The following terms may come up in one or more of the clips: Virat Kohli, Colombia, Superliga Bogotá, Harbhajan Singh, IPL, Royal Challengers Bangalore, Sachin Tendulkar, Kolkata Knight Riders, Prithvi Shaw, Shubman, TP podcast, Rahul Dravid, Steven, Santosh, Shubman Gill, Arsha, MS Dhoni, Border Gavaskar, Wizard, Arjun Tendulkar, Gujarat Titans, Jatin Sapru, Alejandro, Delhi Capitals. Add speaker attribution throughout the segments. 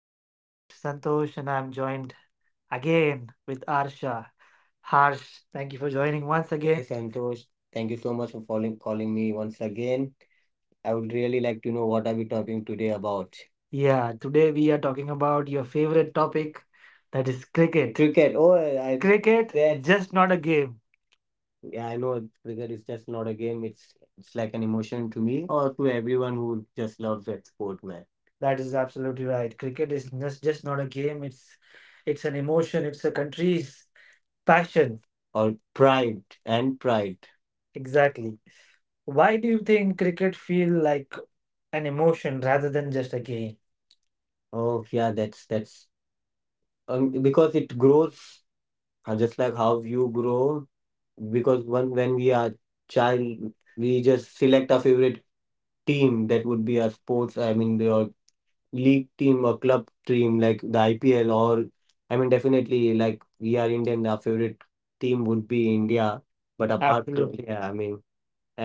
Speaker 1: I'm your host Santosh, and I'm joined again with Arsha. Harsh, thank you for joining once. Hey again. Hey, Santosh, thank you so much for calling me once again. I would really like to know what are we talking today about. Yeah, today we are talking about your favorite topic, that is cricket. Cricket. Oh, I cricket, that just not a game. Yeah, I know cricket is just not a game. It's like an emotion to me or to everyone who just loves that sport, man. That is absolutely right. Cricket is just not a game. It's an emotion. It's a country's passion. Or pride and pride. Exactly. Why do you think cricket feel like an emotion rather than just a game? Oh yeah, that's because it grows, just like how you grow. Because one when we are child, we just select our favorite team that would be a sports. I mean, the league team or club team like the IPL. Or I mean, definitely, like we are Indian, our favorite team would be India. But apart from. Absolutely. Yeah, I mean,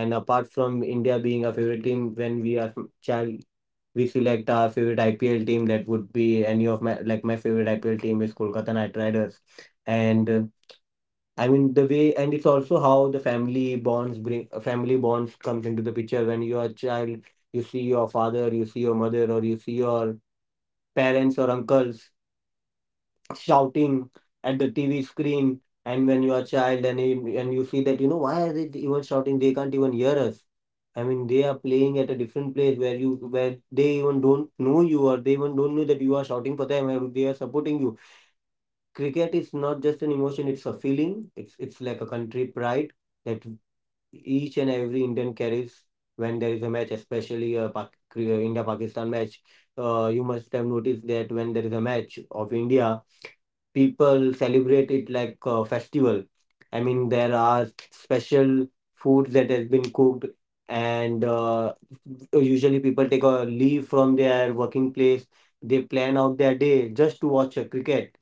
Speaker 1: and apart from India being our favorite team, when we are child, we select our favorite IPL team that would be any of my, like, my favorite IPL team is Kolkata Knight Riders and. I mean the way, and it's also how the family bonds comes into the picture. When you are a child, you see your father, you see your mother, or you see your parents or uncles shouting at the TV screen. And when you are a child, and you see that, you know why are they even shouting? They can't even hear us. I mean, they are playing at a different place where they even don't know you, or they even don't know that you are shouting for them, or they are supporting you. Cricket is not just an emotion; it's a feeling. It's like a country pride that each and every Indian carries when there is a match, especially a India Pakistan match. You must have noticed that when there is a match of India, people celebrate it like a festival. I mean, there are special foods that has been cooked, and usually people take a leave from their working place. They plan out their day just to watch a cricket.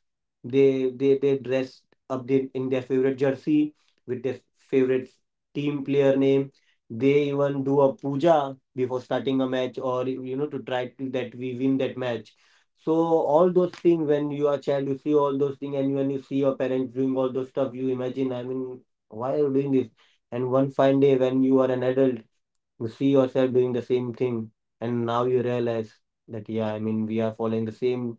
Speaker 1: They dress up in their favorite jersey with their favorite team player name. They even do a puja before starting a match, or that we win that match. So all those things, when you are child, you see all those things, and when you see your parents doing all those stuff, you imagine, I mean, why are you doing this? And one fine day when you are an adult, you see yourself doing the same thing, and now you realize that yeah, I mean, we are following the same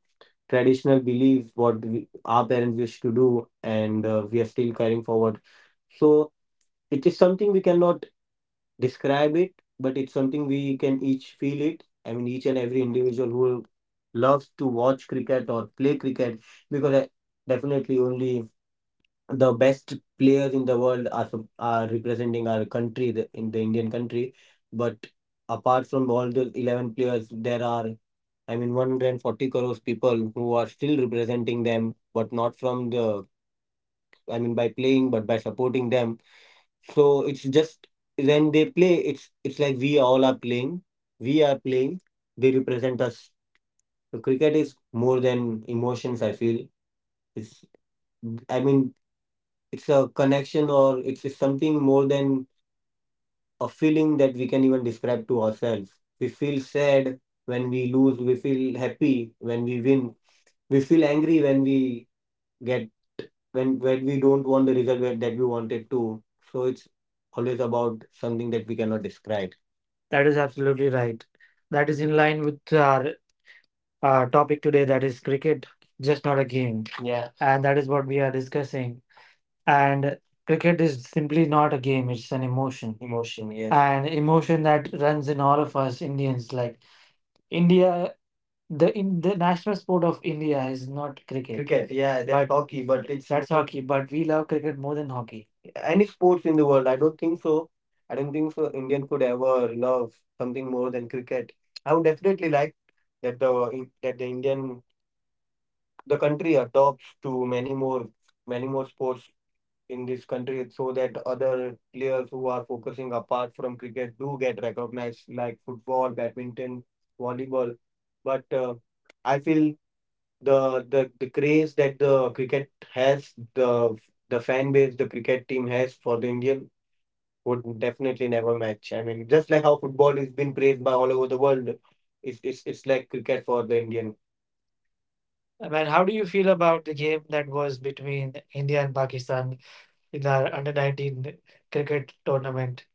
Speaker 1: traditional belief our parents used to do, and we are still carrying forward. So it is something we cannot describe it, but it's something we can each feel it. I mean, each and every individual who loves to watch cricket or play cricket, because definitely only the best players in the world are are representing our country, in the Indian country. But apart from all those 11 players, there are, I mean, 140 crores people who are still representing them, but not from the I mean, by playing, but by supporting them. So it's just when they play, it's like we all are playing. We are playing. They represent us. So cricket is more than emotions. I feel, it's. I mean, it's a connection, or it's something more than a feeling that we can even describe to ourselves. We feel sad when we lose. We feel happy when we win. We feel angry when we get when we don't want the result that we wanted to. So it's always about something that we cannot describe. That is absolutely right. That is in line with our topic today, that is cricket, just not a game. Yeah. And that is what we are discussing. And cricket is simply not a game, it's an emotion. Emotion, yes. An emotion that runs in all of us Indians. Like, India, the in the national sport of India is not cricket. Cricket, yeah, that's hockey, but it's that's hockey, but we love cricket more than hockey. Any sports in the world. I don't think so. I don't think so. Indian could ever love something more than cricket. I would definitely like that the country adopts to many more sports in this country so that other players who are focusing apart from cricket do get recognized, like football, badminton, volleyball, but I feel the craze that the cricket has, the fan base the cricket team has for the Indian would definitely never match. I mean, just like how football is been praised by all over the world, it's like cricket for the Indian. I mean, how do you feel about the game that was between India and Pakistan in our under 19 cricket tournament?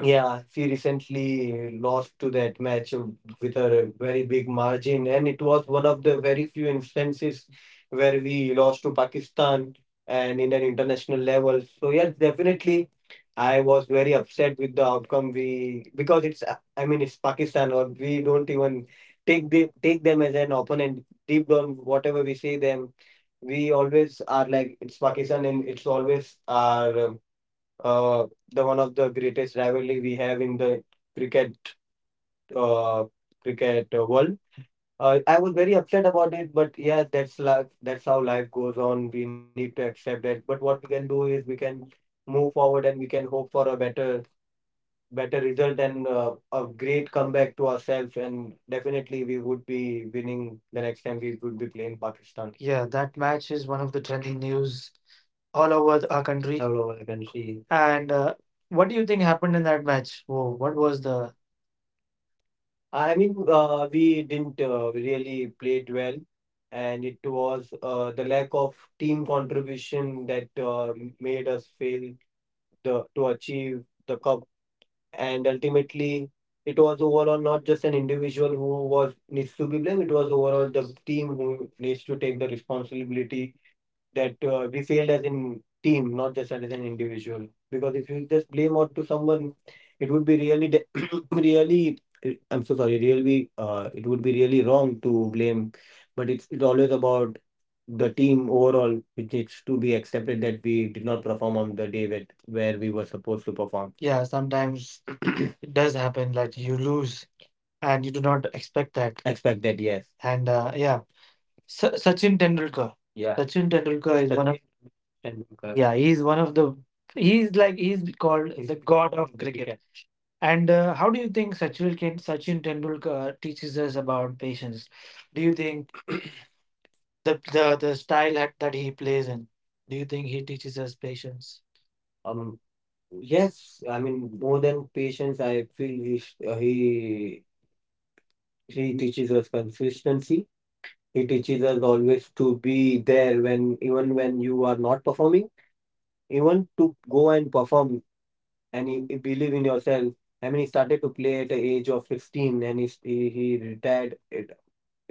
Speaker 1: Yeah, she recently lost to that match with a very big margin, and it was one of the very few instances where we lost to Pakistan and in an international level. So yes, definitely, I was very upset with the outcome, we, because it's, I mean, it's Pakistan, or we don't even take them as an opponent. Deep down, whatever we say them, we always are like it's Pakistan and it's always our. Uh, the one of the greatest rivalry we have in the cricket uh, cricket world. I was very upset about it, but yeah, that's life. That's how life goes on. We need to accept that. But what we can do is we can move forward, and we can hope for a better result and a great comeback to ourselves. And definitely, we would be winning the next time we would be playing Pakistan. Yeah, that match is one of the trending news all over our country. All over the country. And what do you think happened in that match? Whoa, what was the I mean, we didn't really play it well, and it was the lack of team contribution that made us fail the to achieve the cup. And ultimately, it was overall not just an individual who was needs to be blamed. It was overall the team who needs to take the responsibility that we failed as in team, not just as an individual. Because if you just blame out to someone, it would be really, really. I'm so sorry. Really, it would be really wrong to blame, but it's always about the team overall. It needs to be accepted that we did not perform on the day that where we were supposed to perform. Yeah, sometimes it does happen that you lose and you do not expect that. Expect that, yes. And yeah. Sachin Tendulkar. Yeah. Sachin Tendulkar is one of Sachin Tendulkar. Yeah, he's one of the he's like he's called the god of cricket. Cricket. And how do you think Sachin Sachin Tendulkar teaches us about patience? Do you think the style that he plays in? Do you think he teaches us patience? Um, yes, I mean, more than patience. I feel he teaches us consistency. He teaches us always to be there when even when you are not performing, even to go and perform, and he believe in yourself. I mean, he started to play at the age of 15, and he retired at,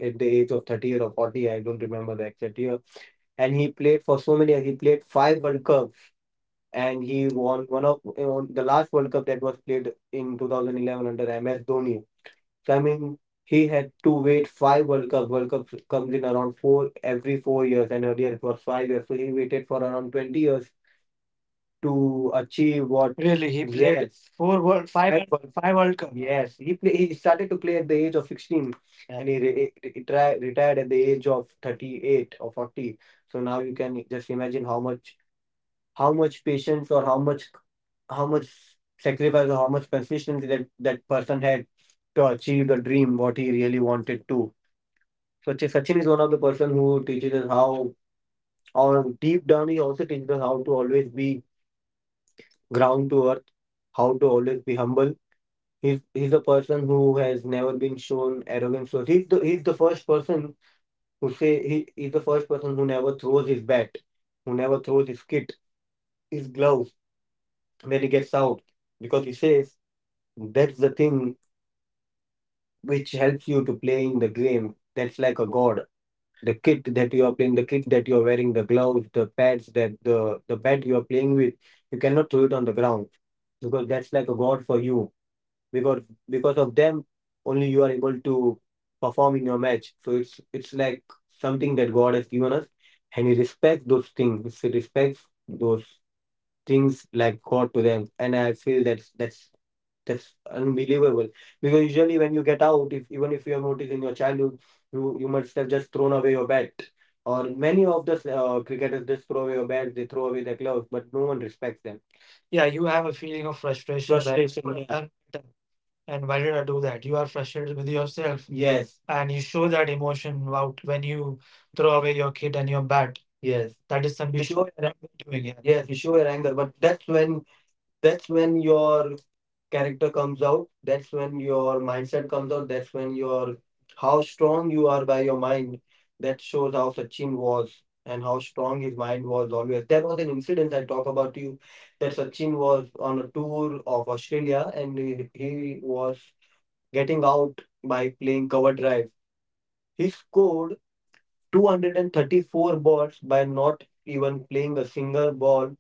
Speaker 1: at the age of 30 or 40. I don't remember the exact year. And he played for so many years. He played five World Cups, and he won one of, the last World Cup that was played in 2011 under MS Dhoni, so I mean, he had to wait five World Cup. World Cup comes in around four every 4 years, and earlier it was 5 years. So he waited for around 20 years to achieve what? Really, he played. Yes, four world, five, five World Cup. Yes, he started to play at the age of 16, and he re retri retired at the age of 38 or 40. So now you can just imagine how much patience, or how much how much sacrifice, or how much consistency that person had to achieve the dream what he really wanted to. So Sachin is one of the person who teaches us how, or deep down he also teaches us how to always be ground to earth, how to always be humble. He's a person who has never been shown arrogance. So he's the first person who say he he's the first person who never throws his bat, who never throws his kit, his gloves, when he gets out, because he says, that's the thing which helps you to play in the game. That's like a god. The kit that you are playing, the kit that you are wearing, the gloves, the pads, that the bat you are playing with, you cannot throw it on the ground, because that's like a god for you. Because because of them, only you are able to perform in your match. So it's like something that God has given us, and he respects those things. He respects those things like God to them, and I feel that's unbelievable, because usually when you get out, if even if you have noticed in your childhood, you must have just thrown away your bat, or many of the cricketers just throw away your bat, they throw away their gloves, but no one respects them. Yeah, you have a feeling of frustration, that frustration. What, yeah, have I done, and why did I do that? You are frustrated with yourself, yes, and you show that emotion out when you throw away your kit and your bat. Yes. That is something you show your are doing. Yeah. Yes, you show your anger, but that's when your character comes out, that's when your mindset comes out, that's when your how strong you are by your mind. That shows how Sachin was, and how strong his mind was always. There was an incident I talk about to you, that Sachin was on a tour of Australia, and he was getting out by playing cover drive. He scored 234 balls by not even playing a single ball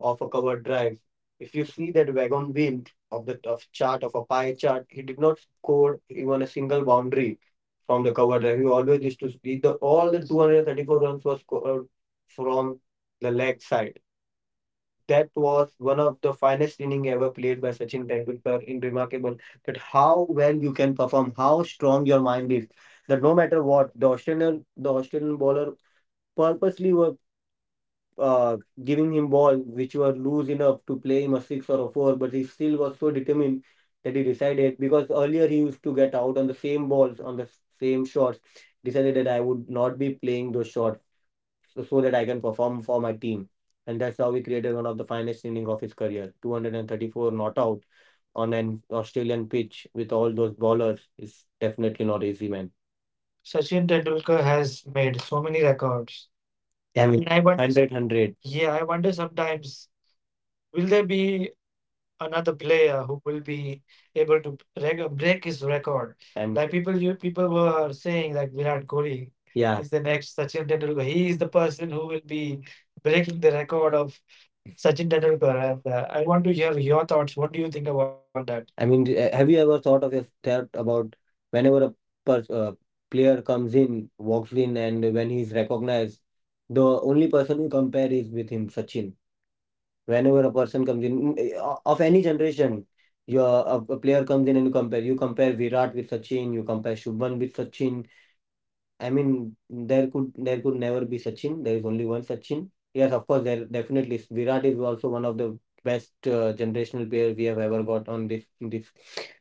Speaker 1: of a cover drive. If you see that wagon wheel of chart of a pie chart, he did not score even a single boundary from the cover drive. He always used to see, the all the 234 runs was scored from the leg side. That was one of the finest inning ever played by Sachin Tendulkar. In remarkable that how well you can perform, how strong your mind is. That no matter what, the Australian bowler purposely were uh, giving him balls which were loose enough to play him a six or a four, but he still was so determined, that he decided, because earlier he used to get out on the same balls, on the same shots, decided that I would not be playing those shots, so that I can perform for my team. And that's how he created one of the finest innings of his career, 234 not out on an Australian pitch, with all those bowlers is definitely not easy, man. Sachin Tendulkar has made so many records. Damn it. And I wonder, 100, yeah, I wonder sometimes, will there be another player who will be able to break his record? And like you people were saying, like, Virat Kohli, yeah, is the next Sachin Tendulkar. He is the person who will be breaking the record of Sachin Tendulkar. I want to hear your thoughts. What do you think about that? I mean, have you ever thought of if thought about, whenever a per, uh, player comes in, walks in, and when he's recognized, the only person you compare is with him, Sachin. Whenever a person comes in, of any generation, a player comes in and you compare. You compare Virat with Sachin. You compare Shubman with Sachin. I mean, there could never be Sachin. There is only one Sachin. Yes, of course, there definitely is. Virat is also one of the best generational player we have ever got on this, in this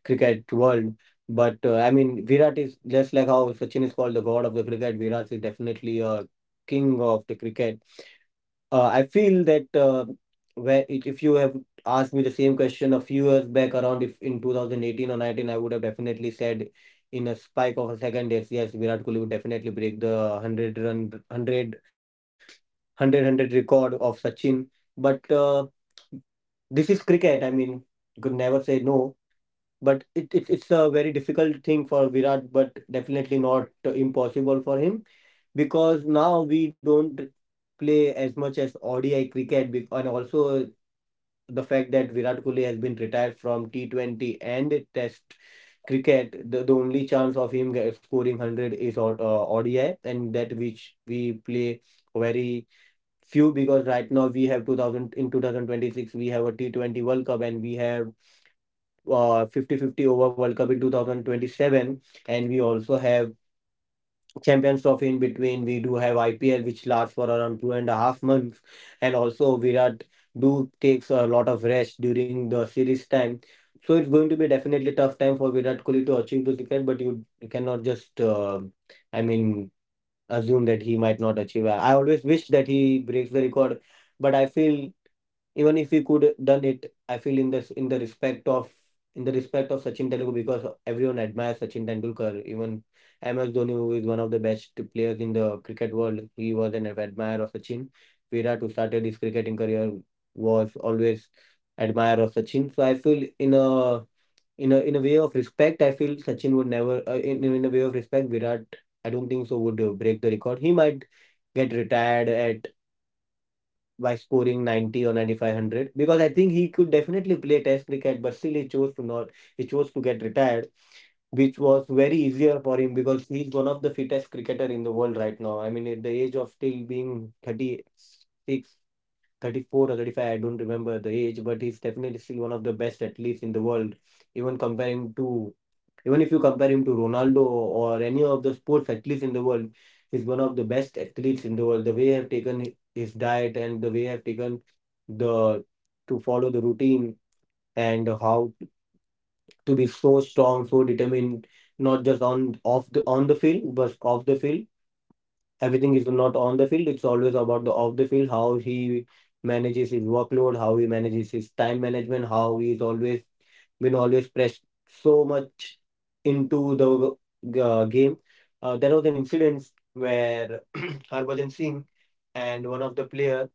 Speaker 1: cricket world. But I mean, Virat is just like how Sachin is called the god of the cricket. Virat is definitely a king of the cricket. I feel that, where if you have asked me the same question a few years back, around, if in 2018 or 19, I would have definitely said, in a spike of a second, yes, yes, Virat Kohli would definitely break the 100 run 100 record of Sachin. But this is cricket, I mean, you could never say no, but it's a very difficult thing for Virat, but definitely not impossible for him, because now we don't play as much as ODI cricket, and also the fact that Virat Kohli has been retired from T20 and Test cricket, the only chance of him scoring 100 is on, ODI, and that which we play very few, because right now we have 2000 in 2026. We have a T20 World Cup, and we have 50-50 over World Cup in 2027, and we also have Champions Trophy in between. We do have IPL, which lasts for around 2.5 months, and also Virat do takes a lot of rest during the series time, so it's going to be definitely tough time for Virat Kohli to achieve the ticket. But you cannot just I mean, assume that he might not achieve. I always wish that he breaks the record, but I feel, even if he could done it, I feel in the respect of Sachin Tendulkar, because everyone admires Sachin Tendulkar. Even MS Dhoni, who is one of the best players in the cricket world, he was an admirer of Sachin. Virat, who started his cricketing career, was always admirer of Sachin. So I feel, in a way of respect, I feel Sachin would never, in in a way of respect, Virat, I don't think so, would break the record. He might get retired at by scoring 90 or 95 hundred, because I think he could definitely play test cricket, but still he chose to, not he chose to, get retired, which was very easier for him, because he's one of the fittest cricketer in the world right now. I mean, at the age of still being 36, 34 or 35, I don't remember the age, but he's definitely still one of the best athletes in the world. Even comparing to Even if you compare him to Ronaldo, or any of the sports athletes in the world, he's one of the best athletes in the world. The way he have taken his diet, and the way he have taken the to follow the routine, and how to be so strong, so determined, not just on, off the on the field, but off the field. Everything is not on the field, it's always about the off the field, how he manages his workload, how he manages his time management, how he's always been always pressed so much into the game. There was an incident where Harbhajan Singh and one of the player,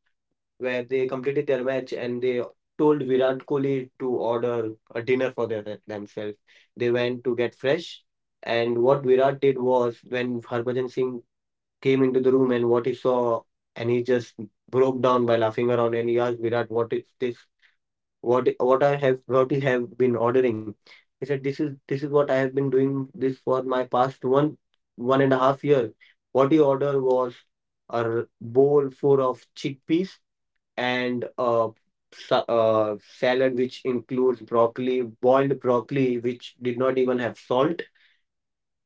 Speaker 1: where they completed their match, and they told Virat Kohli to order a dinner for themselves. They went to get fresh, and what Virat did was, when Harbhajan Singh came into the room and what he saw, and he just broke down by laughing around, and he asked Virat, what is this? What you have been ordering? He said, this is what I have been doing this for my past 1.5 year. What he ordered was a bowl full of chickpeas, and a salad which includes broccoli, boiled broccoli, which did not even have salt.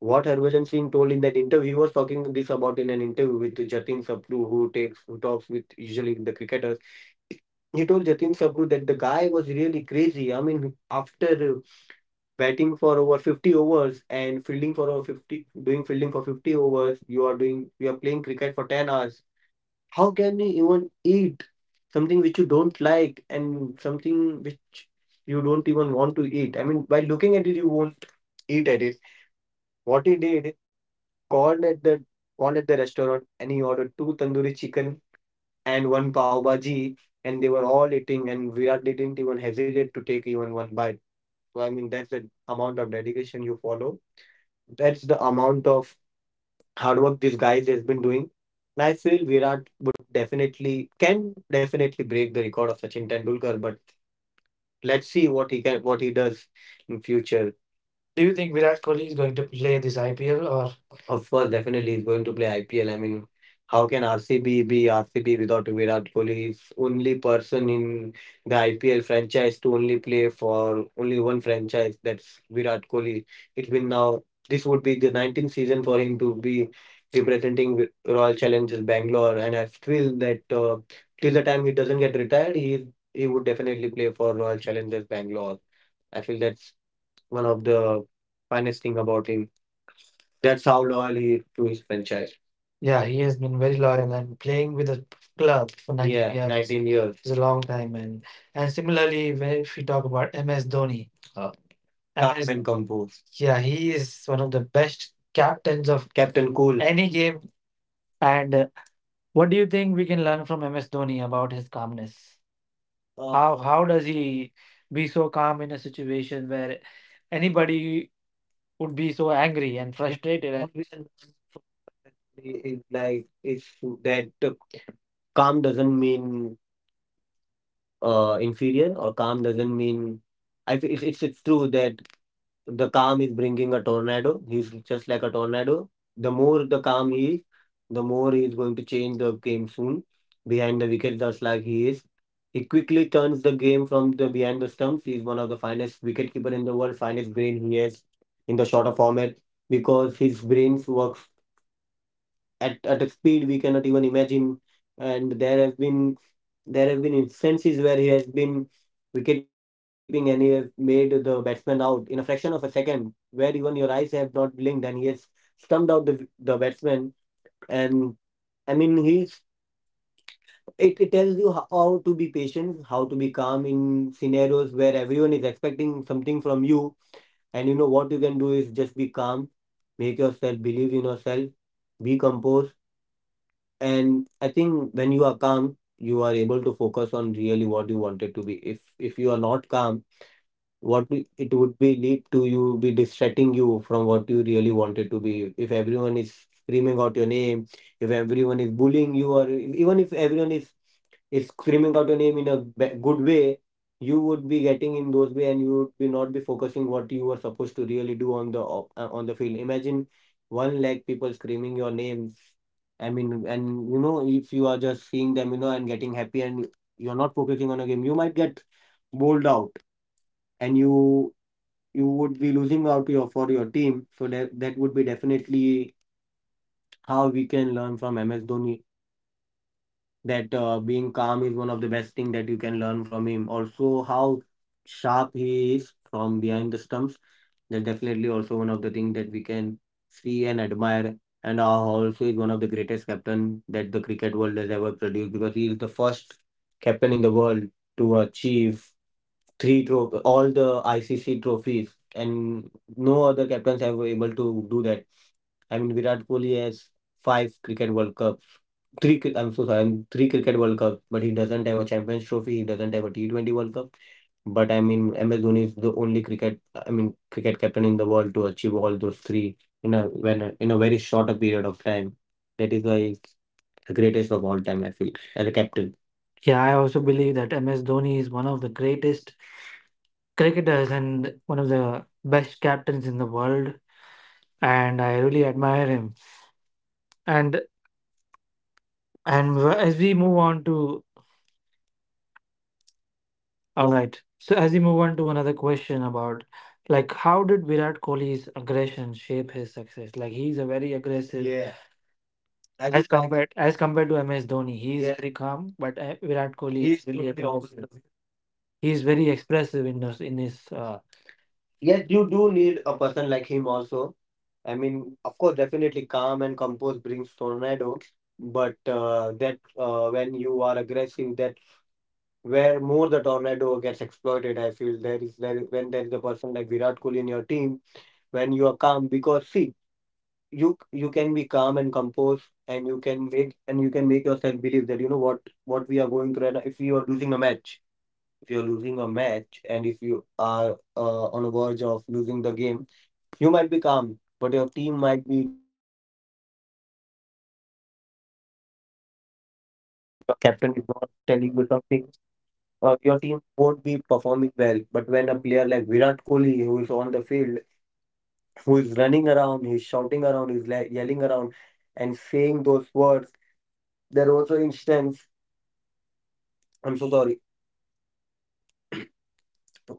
Speaker 1: What Harbhajan Singh told in that interview, he was talking this about in an interview with Jatin Sapru, who talks with usually the cricketers. He told Jatin Sapru that the guy was really crazy. I mean, after batting for over 50 overs and fielding for over 50, doing fielding for 50 overs, you are playing cricket for 10 hours. How can you even eat something which you don't like, and something which you don't even want to eat? I mean, by looking at it, you won't eat at it. What he did, called at the called at the restaurant, and he ordered two tandoori chicken and one pav bhaji, and they were all eating, and Virat didn't even hesitate to take even one bite. So I mean, that's the amount of dedication you follow. That's the amount of hard work this guy has been doing. And I feel Virat would definitely can definitely break the record of Sachin Tendulkar, but let's see what he does in future. Do you think Virat Kohli is going to play this IPL or? Of course, definitely he's going to play IPL. I mean, how can RCB be RCB without Virat Kohli? He's only person in the IPL franchise to only play for only one franchise. That's Virat Kohli. It's been now. This would be the 19th season for him to be representing Royal Challengers Bangalore, and I feel that till the time he doesn't get retired, he would definitely play for Royal Challengers Bangalore. I feel that one of the finest thing about him. That's how loyal he is to his franchise. Yeah, he has been very loyal and playing with the club for 19, yeah, years, 19 years. It's a long time. And similarly, when if we talk about MS Dhoni. Uh, MS, Carmen Campos, yeah, he is one of the best captains of Captain Cool, any game. And what do you think we can learn from MS Dhoni about his calmness? How does he be so calm in a situation where anybody would be so angry and frustrated, and obviously, like, if that calm doesn't mean inferior, or calm doesn't mean it's true that the calm is bringing a tornado. He's just like a tornado. The more the calm he is, the more he is going to change the game soon behind the wicket, just like he is. He quickly turns the game from the behind the stumps. He's one of the finest wicketkeeper in the world, finest brain he has in the shorter format, because his brains work at a speed we cannot even imagine. And there have been instances where he has been wicket keeping, and he has made the batsman out in a fraction of a second, where even your eyes have not blinked, and he has stumped out the batsman. And I mean, it tells you how to be patient, how to be calm in scenarios where everyone is expecting something from you, and you know what you can do is just be calm, make yourself believe in yourself, be composed. And I think when you are calm, you are able to focus on really what you wanted to be. If you are not calm, it would be lead to you be distracting you from what you really wanted to be. If everyone is screaming out your name, if everyone is bullying you, or even if everyone is screaming out your name in a good way, you would be getting in those way, and you would be not be focusing what you were supposed to really do on the on the field. Imagine 1 lakh people screaming your name, I mean, and if you are just seeing them and getting happy, and you're not focusing on a game, you might get bowled out, and you would be losing out for your team. So that would be definitely how we can learn from MS Dhoni. That being calm is one of the best thing that you can learn from him. Also, how sharp he is from behind the stumps. That's definitely also one of the things that we can see and admire. And also is one of the greatest captain that the cricket world has ever produced, because he is the first captain in the world to achieve three trophy, all the ICC trophies, and no other captains have able to do that. I mean, Virat Kohli has five cricket World Cups, three. I'm so sorry, three cricket World Cups, but he doesn't have a Champions Trophy. He doesn't have a T20 World Cup. But I mean, MS Dhoni is the only cricket, I mean, cricket captain in the world to achieve all those three in a very short a period of time. That is why he's the greatest of all time. I feel as a captain. Yeah, I also believe that MS Dhoni is one of the greatest cricketers and one of the best captains in the world, and I really admire him. And and wh- as we move on to all right, so as we move on to another question about, like, how did Virat Kohli's aggression shape his success? Like, he's a very aggressive. Yeah, I as just like compared as compared to MS Dhoni, he is, yeah, very calm, but Virat Kohli, he's really totally aggressive, opposite. He is very expressive in those in his. Yes, you do need a person like him also. I mean, of course, definitely calm and composed brings tornado, but that when you are aggressive, that where more the tornado gets exploited. I feel there is there when there is a person like Virat Kohli in your team, when you are calm, because see, you can be calm and composed, and you can make yourself believe that you know what we are going through. And if you are losing a match, if you are losing a match, and if you are on a verge of losing the game, you might be calm, but your team might be
Speaker 2: Captain is not telling you something, your team won't be performing well. But when a player like Virat Kohli, who is on the field, who is running around, he's shouting around, he's yelling around, and saying those words, there was an instance. I'm so sorry.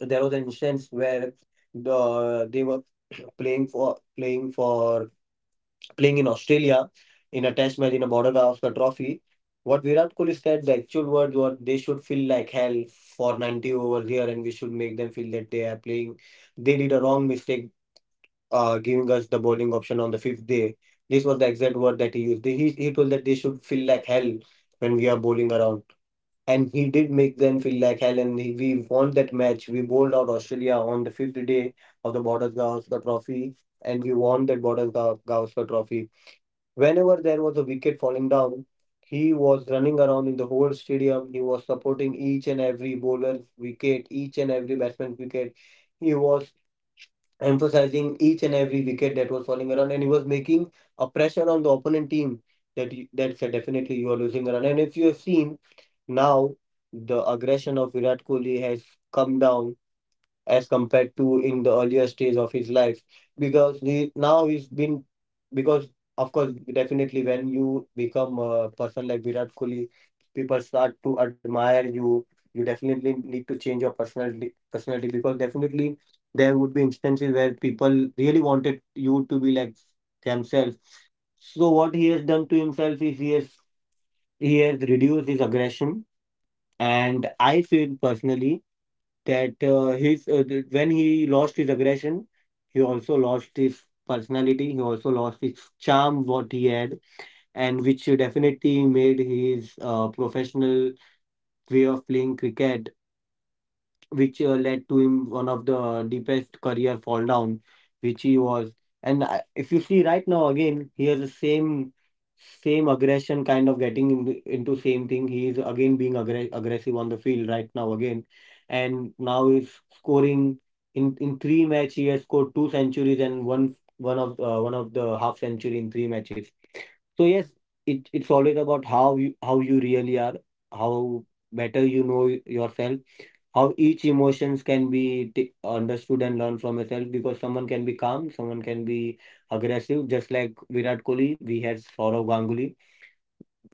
Speaker 2: There was an instance where they were playing for playing for playing in Australia in a test match in a Border Gavaskar trophy. What Virat Kohli said, the actual words were they should feel like hell for 90 overs here, and we should make them feel that they are playing. They did a wrong mistake, giving us the bowling option on the fifth day. This was the exact word that he used. He told that they should feel like hell when we are bowling around. And he did make them feel like hell, and we won that match. We bowled out Australia on the fifth day of the Border Gavaskar trophy, and we won that Border Gavaskar trophy. Whenever there was a wicket falling down, he was running around in the whole stadium. He was supporting each and every bowler's wicket, each and every batsman's wicket. He was emphasizing each and every wicket that was falling around, and he was making a pressure on the opponent team that that's a definitely you are losing a run. And if you have seen now, the aggression of Virat Kohli has come down as compared to in the earlier stage of his life, because he's been because of course definitely when you become a person like Virat Kohli, people start to admire you. You definitely need to change your personality because definitely there would be instances where people really wanted you to be like themselves. So what he has done to himself is he has reduced his aggression. And I feel personally that when he lost his aggression, he also lost his personality. He also lost his charm, what he had, and which definitely made his professional way of playing cricket, which led to him one of the deepest career fall down, which he was. If you see right now again, he has the same aggression kind of getting into same thing. He is again being aggressive on the field right now again, and now he's scoring in three match. He has scored two centuries and one of the half century in three matches. So yes, it's always about how you really are, how better you know yourself, how each emotions can be understood and learned from itself, because someone can be calm, someone can be aggressive, just like Virat Kohli. We had Saurav Ganguly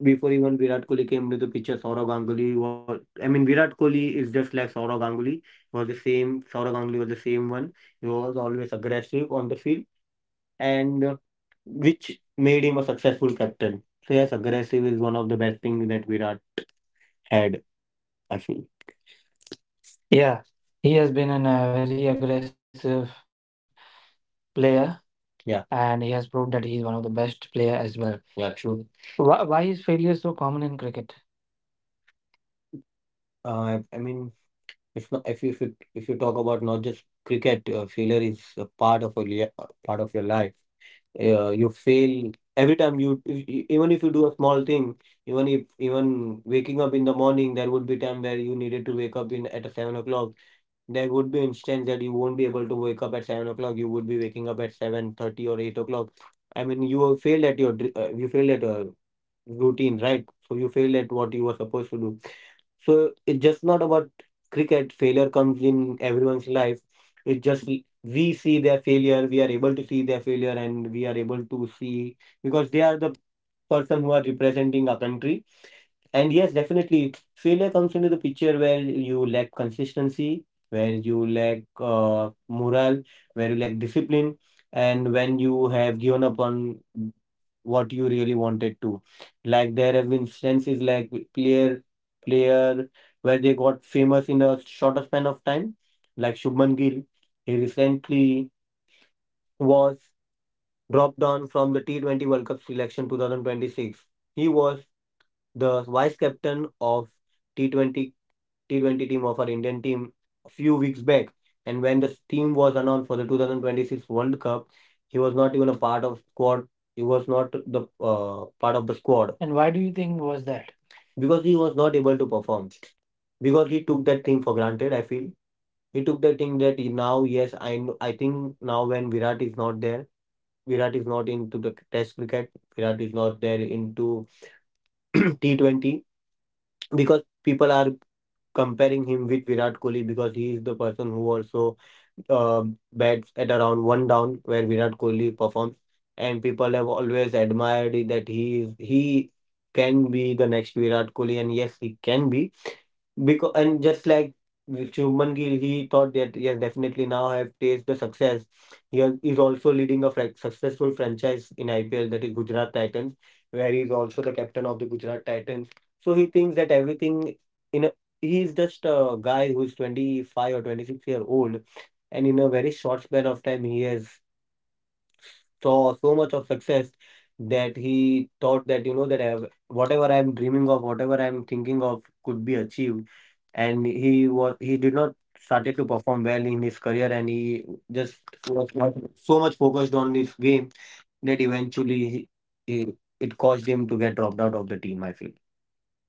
Speaker 2: before even Virat Kohli came to the picture. Saurav Ganguly was, I mean, Virat Kohli is just like Saurav Ganguly was the same, Saurav Ganguly was the same one. He was always aggressive on the field, and which made him a successful captain. So yes, aggressive is one of the best things that Virat had, I feel. Yeah, he has been a very aggressive player. Yeah, and he has proved that he is one of the best player as well. Yeah, true. Why is failure so common in cricket? I mean, if not, if you if you, if you talk about not just cricket, failure is a part of part of your life. You fail every time you, if, you- even if you do a small thing, even if even waking up in the morning. There would be time where you needed to wake up in at a 7 o'clock. There would be instance that you won't be able to wake up at 7 o'clock. You would be waking up at 7:30 or 8 o'clock. I mean, you failed at a routine, right? So you failed at what you were supposed to do. So it's just not about cricket. Failure comes in everyone's life. It just we see their failure. We are able to see their failure, and we are able to see because they are the person who are representing a country. And yes, definitely, failure comes into the picture where you lack consistency, where you lack morale, where you lack discipline, and when you have given up on what you really wanted to. Like there have been instances like player where they got famous in a shorter span of time, like Shubman Gill. He recently was dropped down from the T20 World Cup selection 2026. He was the vice captain of T20 T20 team of our Indian team a few weeks back. And when the team was announced for the 2026 World Cup, he was not even a part of squad. He was not the part of the squad. And why do you think was that? Because he was not able to perform, because he took that thing for granted. I feel he took that thing that he now, yes, I think now when Virat is not there, Virat is not into the Test cricket, Virat is not there into T20, because people are comparing him with Virat Kohli, because he is the person who also uh, bats at around one down, where Virat Kohli performs, and people have always admired it that he can be the next Virat Kohli. And yes, he can be because. And just like with Shubman Gill, he thought that yes, definitely now I have tasted the success. He is also leading a successful franchise in IPL, that is Gujarat Titans, where he is also the captain of the Gujarat Titans. So he thinks that everything in a, he is just a guy who is 25 or 26 year old, and in a very short span of time he has saw so much of success that he thought that, you know, that I have, whatever I am dreaming of, whatever I am thinking of, could be achieved. And he did not started to perform well in his career, and he just was not so much focused on this game, that eventually he, it caused him to get dropped out of the team. I feel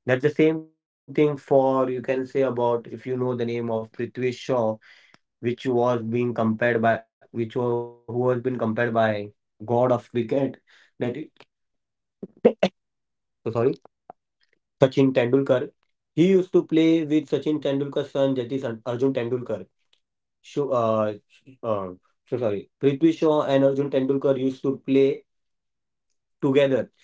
Speaker 2: that's the same thing for you can say about if you know the name of Prithvi Shaw, which was being compared by which was, who has been compared by god of cricket, that is, so sorry, Sachin Tendulkar. He used to play with Sachin Tendulkar's son, that is Arjun Tendulkar. Shu, uh, sh- uh, so sorry, Prithvi Shaw and Arjun Tendulkar used to play together.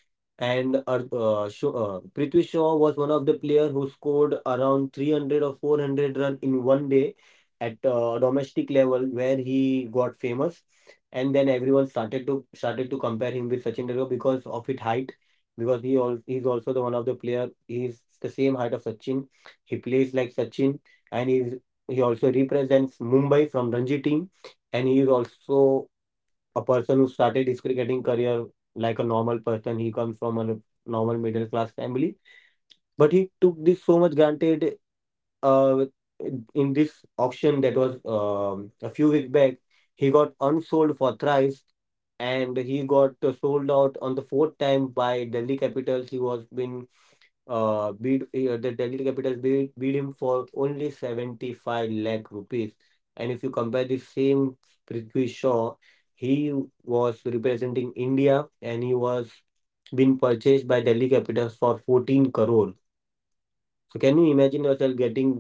Speaker 2: And Prithvi Shaw was one of the player who scored around 300 or 400 run in one day at domestic level, where he got famous. And then everyone started to compare him with Sachin Tendulkar because of his height. Because he's also the one of the player. He's the same height of Sachin. He plays like Sachin, and he also represents Mumbai from Ranji team, and he is also a person who started his cricketing career like a normal person. He comes from a normal middle class family, but he took this so much granted, uh, in this auction that was, a few weeks back. He got unsold for thrice, and he got sold out on the fourth time by Delhi Capitals. He was been bid the Delhi Capitals bid him for only 75 lakh rupees. And if you compare the same Prithvi Shaw, he was representing India, and he was been purchased by Delhi Capitals for 14 crore. So can you imagine yourself getting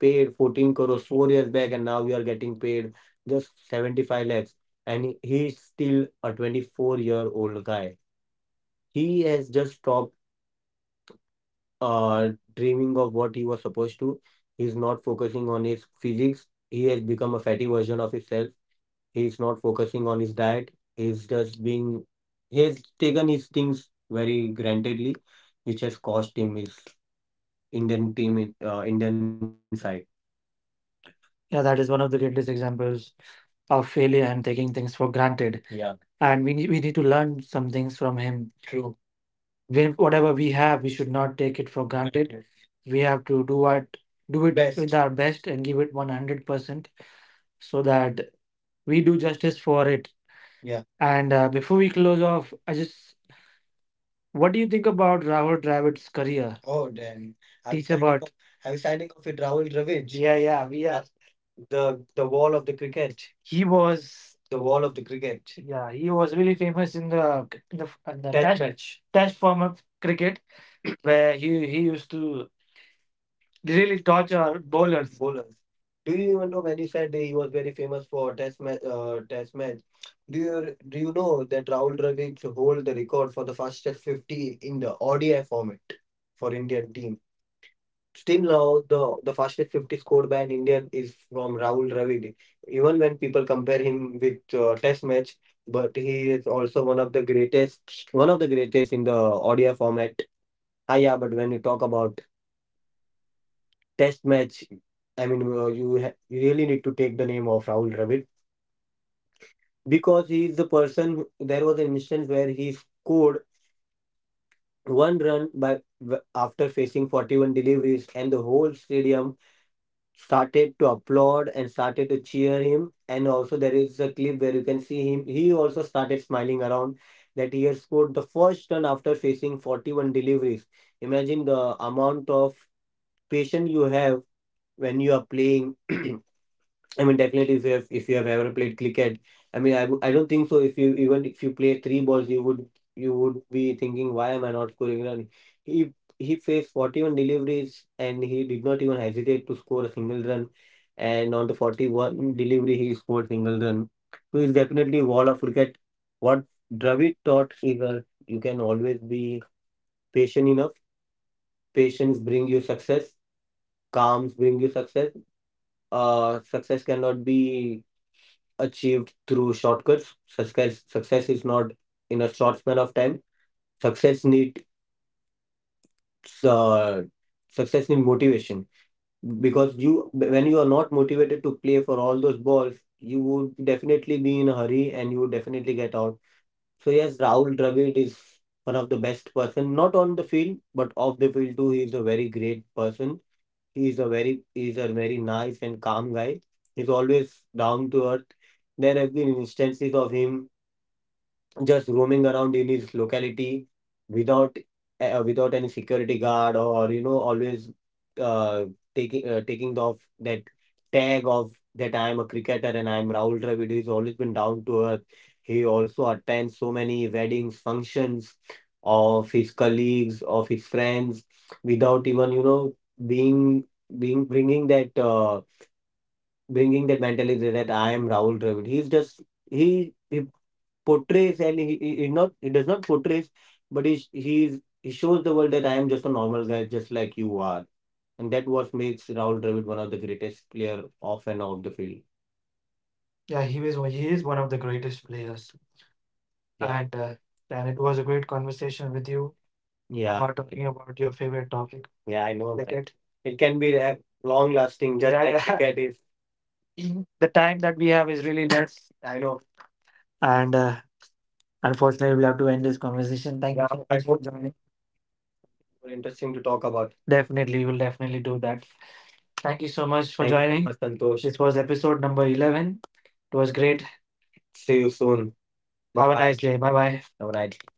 Speaker 2: paid 14 crores 4 years back, and now you are getting paid just 75 lakhs, and he is still a 24-year-old guy. He has just stopped, uh, dreaming of what he was supposed to. He's not focusing on his physics. He has become a fatty version of himself. He's not focusing on his diet. He's just being, he has taken his things very grantedly, which has cost him his Indian team, Indian side. Yeah, that is one of the greatest examples of failure and taking things for granted. Yeah, and we need to learn some things from him. True. Whatever we have, we should not take it for granted. Granted. We have to do it best with our best, and give it 100%, so that we do justice for it. Yeah. And before we close off, I just what do you think about Rahul Dravid's career? Oh, damn. Are we Teach signing about off? Are we signing off with Rahul Dravid? Yeah, yeah, we are the wall of the cricket. He was the wall of the cricket. Yeah, he was really famous in the test match test form of cricket where he used to really torture bowlers. Bowlers, do you even know when he said he was very famous for test match test match? Do you know that Rahul Dravid hold the record for the fastest 50 in the ODI format for Indian team? Still now, the fastest 50 scored by an Indian is from Rahul Dravid. Even when people compare him with test match, but he is also one of the greatest, one of the greatest in the ODI format. Ah, yeah, but when you talk about test match, I mean, you really need to take the name of Rahul Dravid because he is the person there was an instance where he scored one run by after facing 41 deliveries, and the whole stadium started to applaud and started to cheer him. And also, there is a clip where you can see him. He also started smiling around that he has scored the first run after facing 41 deliveries. Imagine the amount of patience you have when you are playing. I mean, definitely, if you have ever played cricket, I mean, I don't think so. If you even if you play three balls, you would be thinking, why am I not scoring run? He he faced 41 deliveries and he did not even hesitate to score a single run. And on the 41st delivery, he scored single run. So he's definitely wall of cricket. What Dravid taught is you can always be patient enough. Patience bring you success. Calms bring you success. Success cannot be achieved through shortcuts. Success is not in a short span of time. Success needs uh, success needs motivation because you when you are not motivated to play for all those balls, you would definitely be in a hurry and you would definitely get out. So yes, Rahul Dravid is one of the best person, not on the field but off the field too. He is a very great person. He is a very nice and calm guy. He's always down to earth. There have been instances of him just roaming around in his locality without without any security guard or, you know, always uh, taking taking off that tag of that I am a cricketer and I am Rahul Dravid. He's always been down to earth. He also attends so many weddings, functions of his colleagues, of his friends, without even, you know, being being bringing that mentality that I am Rahul Dravid. He portrays and he not he does not portrays but he he shows the world that I am just a normal guy just like you are, and that what makes Rahul Dravid one of the greatest player off and off the field. Yeah, he is one of the greatest players, yeah, and it was a great conversation with you, yeah, about talking about your favorite topic, yeah, I know cricket. It can be long lasting. Just yeah, like, yeah, cricket is mhm. The time that we have is really less, I know, and unfortunately, we'll have to end this conversation. Thank you, yeah, so but much for joining. Interesting to talk about. Definitely, we'll definitely do that. Thank you so much for thank you so joining, so much, Santosh. This was episode number 11. It was great. See you soon. Bye. Have a bye, nice day. Bye bye. Have a nice